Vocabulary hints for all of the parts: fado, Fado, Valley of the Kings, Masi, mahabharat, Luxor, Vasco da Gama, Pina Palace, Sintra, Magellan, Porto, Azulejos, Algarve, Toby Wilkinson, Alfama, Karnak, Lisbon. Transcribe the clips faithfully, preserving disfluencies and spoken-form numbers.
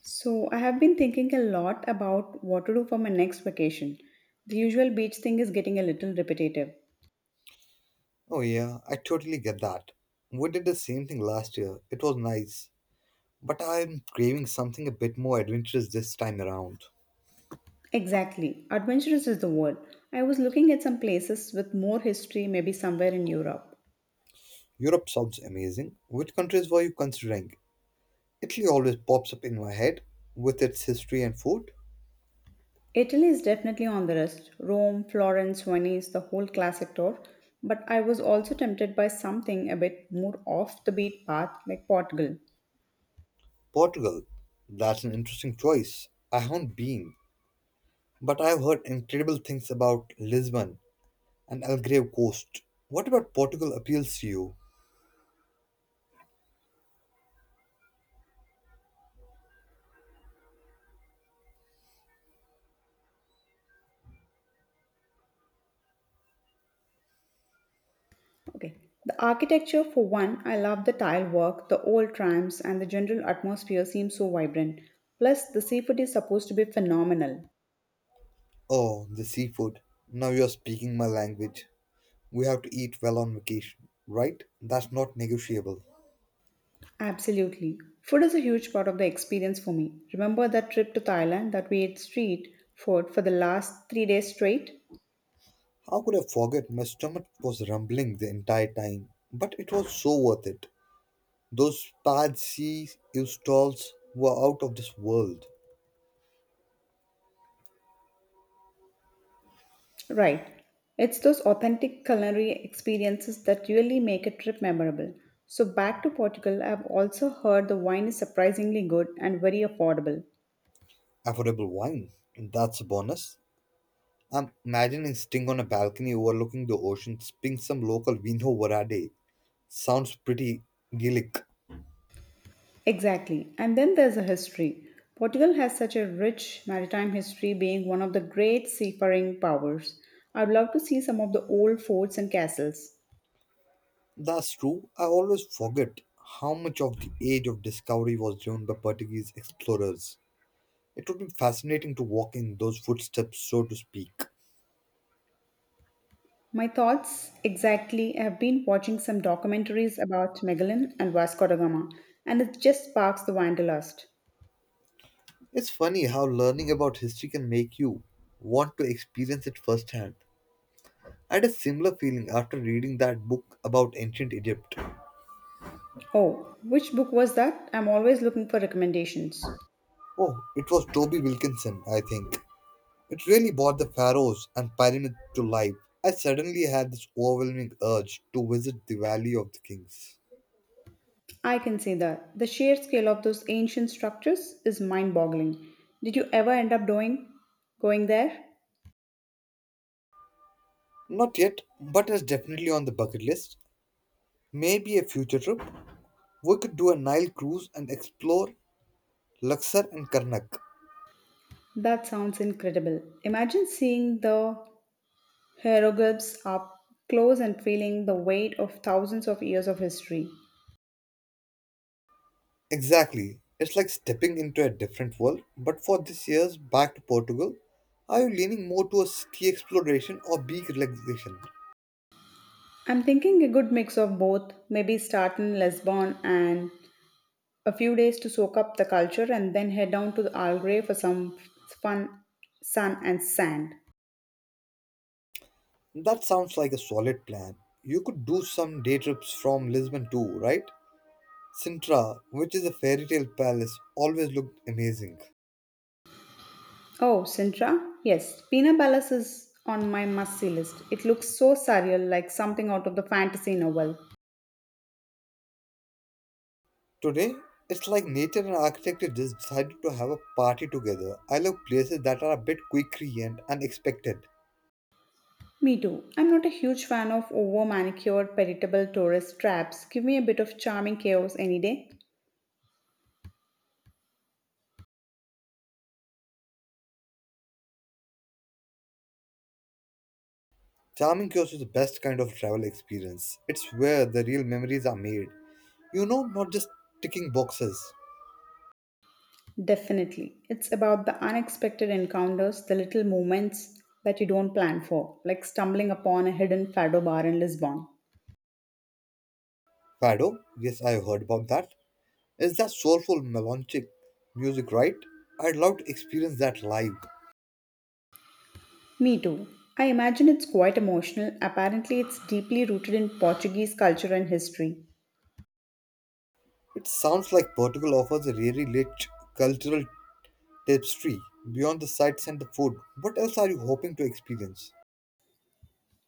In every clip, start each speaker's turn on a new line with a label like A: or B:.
A: So, I have been thinking a lot about what to do for my next vacation. The usual beach thing is getting a little repetitive.
B: Oh, yeah, I totally get that. We did the same thing last year. It was nice. But I'm craving something a bit more adventurous this time around.
A: Exactly, adventurous is the word. I was looking at some places with more history, maybe somewhere in Europe.
B: Europe sounds amazing. Which countries were you considering? Italy always pops up in my head with its history and food.
A: Italy is definitely on the list: Rome, Florence, Venice, the whole classic tour. But I was also tempted by something a bit more off the beat path like Portugal.
B: Portugal. That's an interesting choice. I haven't been, but I've heard incredible things about Lisbon and Algarve coast. What about Portugal appeals to you?
A: Okay. The architecture, for one, I love the tile work, the old trams, and the general atmosphere seems so vibrant. Plus, the seafood is supposed to be phenomenal.
B: Oh, the seafood. Now you're speaking my language. We have to eat well on vacation, right? That's not negotiable.
A: Absolutely. Food is a huge part of the experience for me. Remember that trip to Thailand that we ate street food for the last three days straight?
B: How could I forget? My stomach was rumbling the entire time, but it was so worth it. Those patsy stalls were out of this world.
A: Right. It's those authentic culinary experiences that really make a trip memorable. So, back to Portugal, I've also heard the wine is surprisingly good and very affordable.
B: Affordable wine, that's a bonus. I'm imagining sitting on a balcony overlooking the ocean, sipping some local vino verde. Sounds pretty idyllic.
A: Exactly. And then there's a history. Portugal has such a rich maritime history, being one of the great seafaring powers. I'd love to see some of the old forts and castles.
B: That's true. I always forget how much of the age of discovery was driven by Portuguese explorers. It would be fascinating to walk in those footsteps, so to speak.
A: My thoughts exactly. I have been watching some documentaries about Magellan and Vasco da Gama, and it just sparks the wanderlust.
B: It's funny how learning about history can make you want to experience it firsthand. I had a similar feeling after reading that book about ancient Egypt.
A: Oh, which book was that? I'm always looking for recommendations.
B: Oh, it was Toby Wilkinson, I think. It really brought the pharaohs and pyramids to life. I suddenly had this overwhelming urge to visit the Valley of the Kings.
A: I can see that. The sheer scale of those ancient structures is mind boggling. Did you ever end up doing going there?
B: Not yet, but it's definitely on the bucket list. Maybe a future trip. We could do a Nile cruise and explore Luxor and Karnak.
A: That sounds incredible. Imagine seeing the hieroglyphs up close and feeling the weight of thousands of years of history.
B: Exactly. It's like stepping into a different world. But for this year's back to Portugal, are you leaning more towards ski exploration or beach relaxation?
A: I'm thinking a good mix of both, maybe start in Lisbon and a few days to soak up the culture and then head down to the Algarve for some fun sun and sand.
B: That sounds like a solid plan. You could do some day trips from Lisbon too, right? Sintra, which is a fairy tale palace, always looked amazing.
A: Oh, Sintra? Yes, Pina Palace is on my must see list. It looks so surreal, like something out of the fantasy novel.
B: Today, it's like nature and architecture just decided to have a party together. I love places that are a bit quirky and unexpected.
A: Me too. I'm not a huge fan of over manicured, veritable tourist traps. Give me a bit of charming chaos any day.
B: Charming Kiosk is the best kind of travel experience. It's where the real memories are made. You know, not just ticking boxes.
A: Definitely. It's about the unexpected encounters, the little moments that you don't plan for, like stumbling upon a hidden fado bar in Lisbon.
B: Fado, yes, I have heard about that. Is that soulful, melancholic music, right? I'd love to experience that live.
A: Me too. I imagine it's quite emotional. Apparently, it's deeply rooted in Portuguese culture and history.
B: It sounds like Portugal offers a really rich cultural tapestry beyond the sights and the food. What else are you hoping to experience?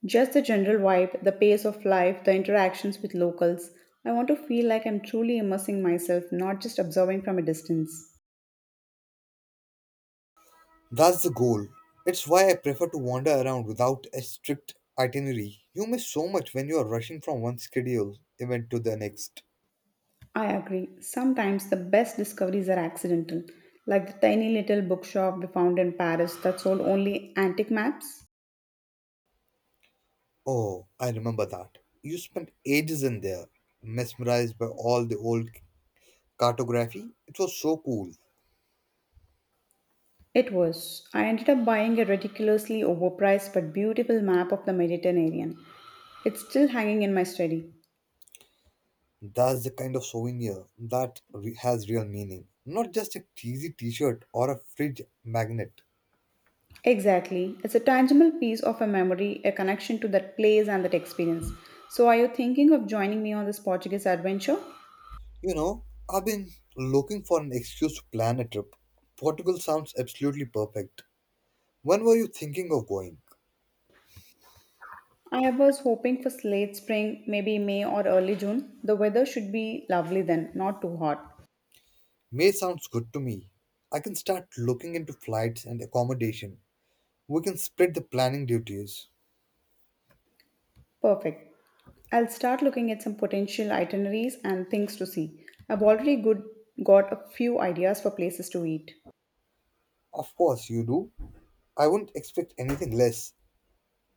A: Just the general vibe, the pace of life, the interactions with locals. I want to feel like I'm truly immersing myself, not just observing from a distance.
B: That's the goal. It's why I prefer to wander around without a strict itinerary. You miss so much when you are rushing from one scheduled event to the next.
A: I agree. Sometimes the best discoveries are accidental, like the tiny little bookshop we found in Paris that sold only antique maps.
B: Oh, I remember that. You spent ages in there, mesmerized by all the old cartography. It was so cool.
A: It was. I ended up buying a ridiculously overpriced but beautiful map of the Mediterranean. It's still hanging in my study.
B: That's the kind of souvenir that re- has real meaning, not just a cheesy t shirt or a fridge magnet.
A: Exactly. It's a tangible piece of a memory, a connection to that place and that experience. So, are you thinking of joining me on this Portuguese adventure?
B: You know, I've been looking for an excuse to plan a trip. Portugal sounds absolutely perfect. When were you thinking of going?
A: I was hoping for late spring, maybe May or early June. The weather should be lovely then, not too hot.
B: May sounds good to me. I can start looking into flights and accommodation. We can split the planning duties.
A: Perfect. I'll start looking at some potential itineraries and things to see. I've already good, got a few ideas for places to eat.
B: Of course, you do. I wouldn't expect anything less.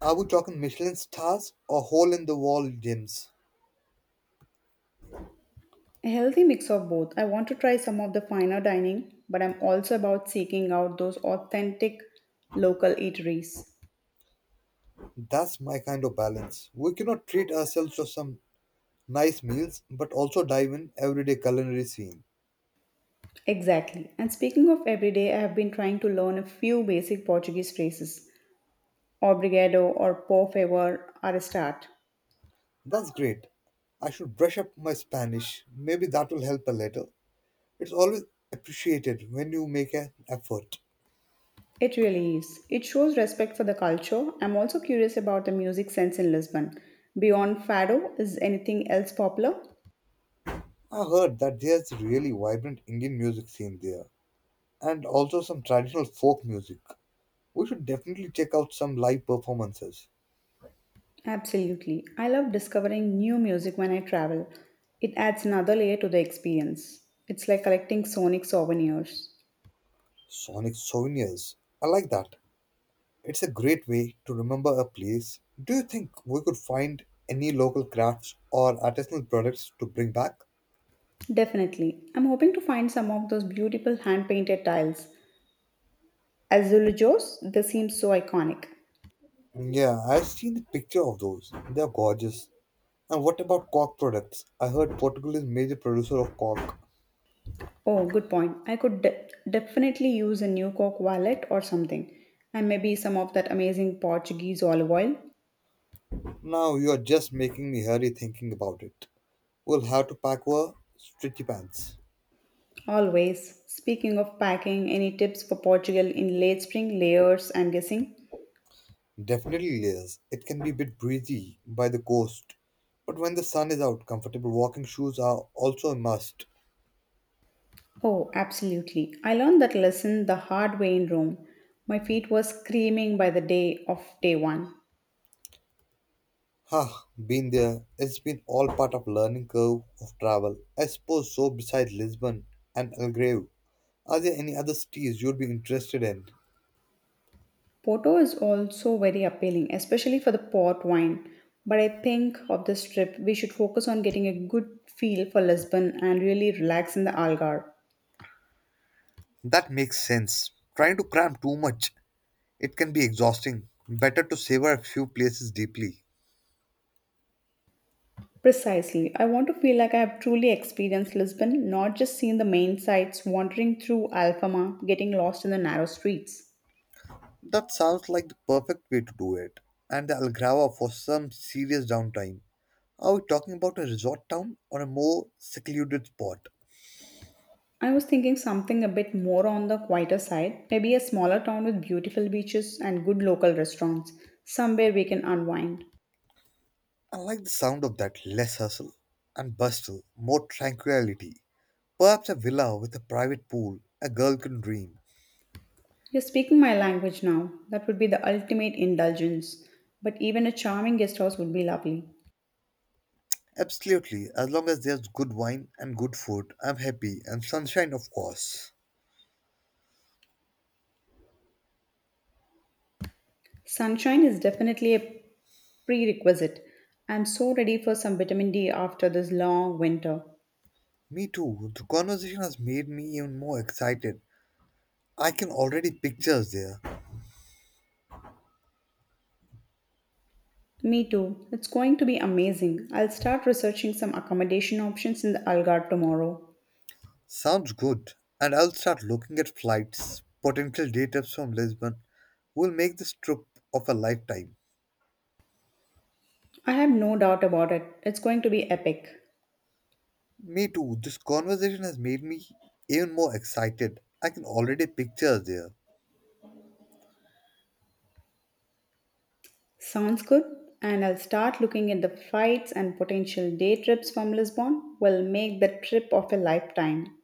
B: Are we talking Michelin stars or hole in the wall gyms?
A: A healthy mix of both. I want to try some of the finer dining, but I'm also about seeking out those authentic local eateries.
B: That's my kind of balance. We cannot treat ourselves to some nice meals but also dive in everyday culinary scene.
A: Exactly. And speaking of everyday, I have been trying to learn a few basic Portuguese phrases. Obrigado or por favor are a start.
B: That's great. I should brush up my Spanish. Maybe that will help a little. It's always appreciated when you make an effort.
A: It really is. It shows respect for the culture. I'm also curious about the music sense in Lisbon. Beyond fado, is anything else popular?
B: I heard that there's a really vibrant Indian music scene there, and also some traditional folk music. We should definitely check out some live performances.
A: Absolutely. I love discovering new music when I travel. It adds another layer to the experience. It's like collecting sonic souvenirs.
B: Sonic souvenirs. I like that. It's a great way to remember a place. Do you think we could find any local crafts or artisanal products to bring back?
A: Definitely. I'm hoping to find some of those beautiful hand painted tiles. Azulejos, they seem so iconic.
B: Yeah, I've seen the picture of those. They're gorgeous. And what about cork products? I heard Portugal is major producer of cork.
A: Oh, good point. I could de- definitely use a new Coke wallet or something, and maybe some of that amazing Portuguese olive oil.
B: Now you're just making me hurry thinking about it. We'll have to pack our stretchy pants.
A: Always. Speaking of packing, any tips for Portugal in late spring? Layers, I'm guessing.
B: Definitely layers. It can be a bit breezy by the coast. But when the sun is out, comfortable walking shoes are also a must.
A: Oh, absolutely. I learned that lesson the hard way in Rome. My feet were screaming by the day of day one.
B: Ha, been there. It's been all part of learning curve of travel. I suppose so besides Lisbon and Algarve. Are there any other cities you'd be interested in?
A: Porto is also very appealing, especially for the port wine. But I think of this trip, we should focus on getting a good feel for Lisbon and really relax in the Algarve.
B: That makes sense. Trying to cram too much, it can be exhausting. Better to savor a few places deeply.
A: Precisely. I want to feel like I have truly experienced Lisbon, not just seen the main sights, wandering through Alfama, getting lost in the narrow streets.
B: That sounds like the perfect way to do it. And the Algrava for some serious downtime. Are we talking about a resort town or a more secluded spot?
A: I was thinking something a bit more on the quieter side, maybe a smaller town with beautiful beaches and good local restaurants, somewhere we can unwind.
B: I like the sound of that less hustle and bustle, more tranquility. Perhaps a villa with a private pool, a girl can dream.
A: You're speaking my language now. That would be the ultimate indulgence. But even a charming guest house would be lovely.
B: Absolutely, as long as there's good wine and good food, I'm happy, and sunshine, of course.
A: Sunshine is definitely a prerequisite. I'm so ready for some vitamin D after this long winter.
B: Me too, the conversation has made me even more excited. I can already picture us there.
A: Me too. It's going to be amazing. I'll start researching some accommodation options in the Algarve tomorrow.
B: Sounds good. And I'll start looking at flights, potential day trips from Lisbon. We'll make this trip of a lifetime.
A: I have no doubt about it. It's going to be epic.
B: Me too. This conversation has made me even more excited. I can already picture us there.
A: Sounds good. And I'll start looking at the flights and potential day trips from Lisbon. Will make the trip of a lifetime.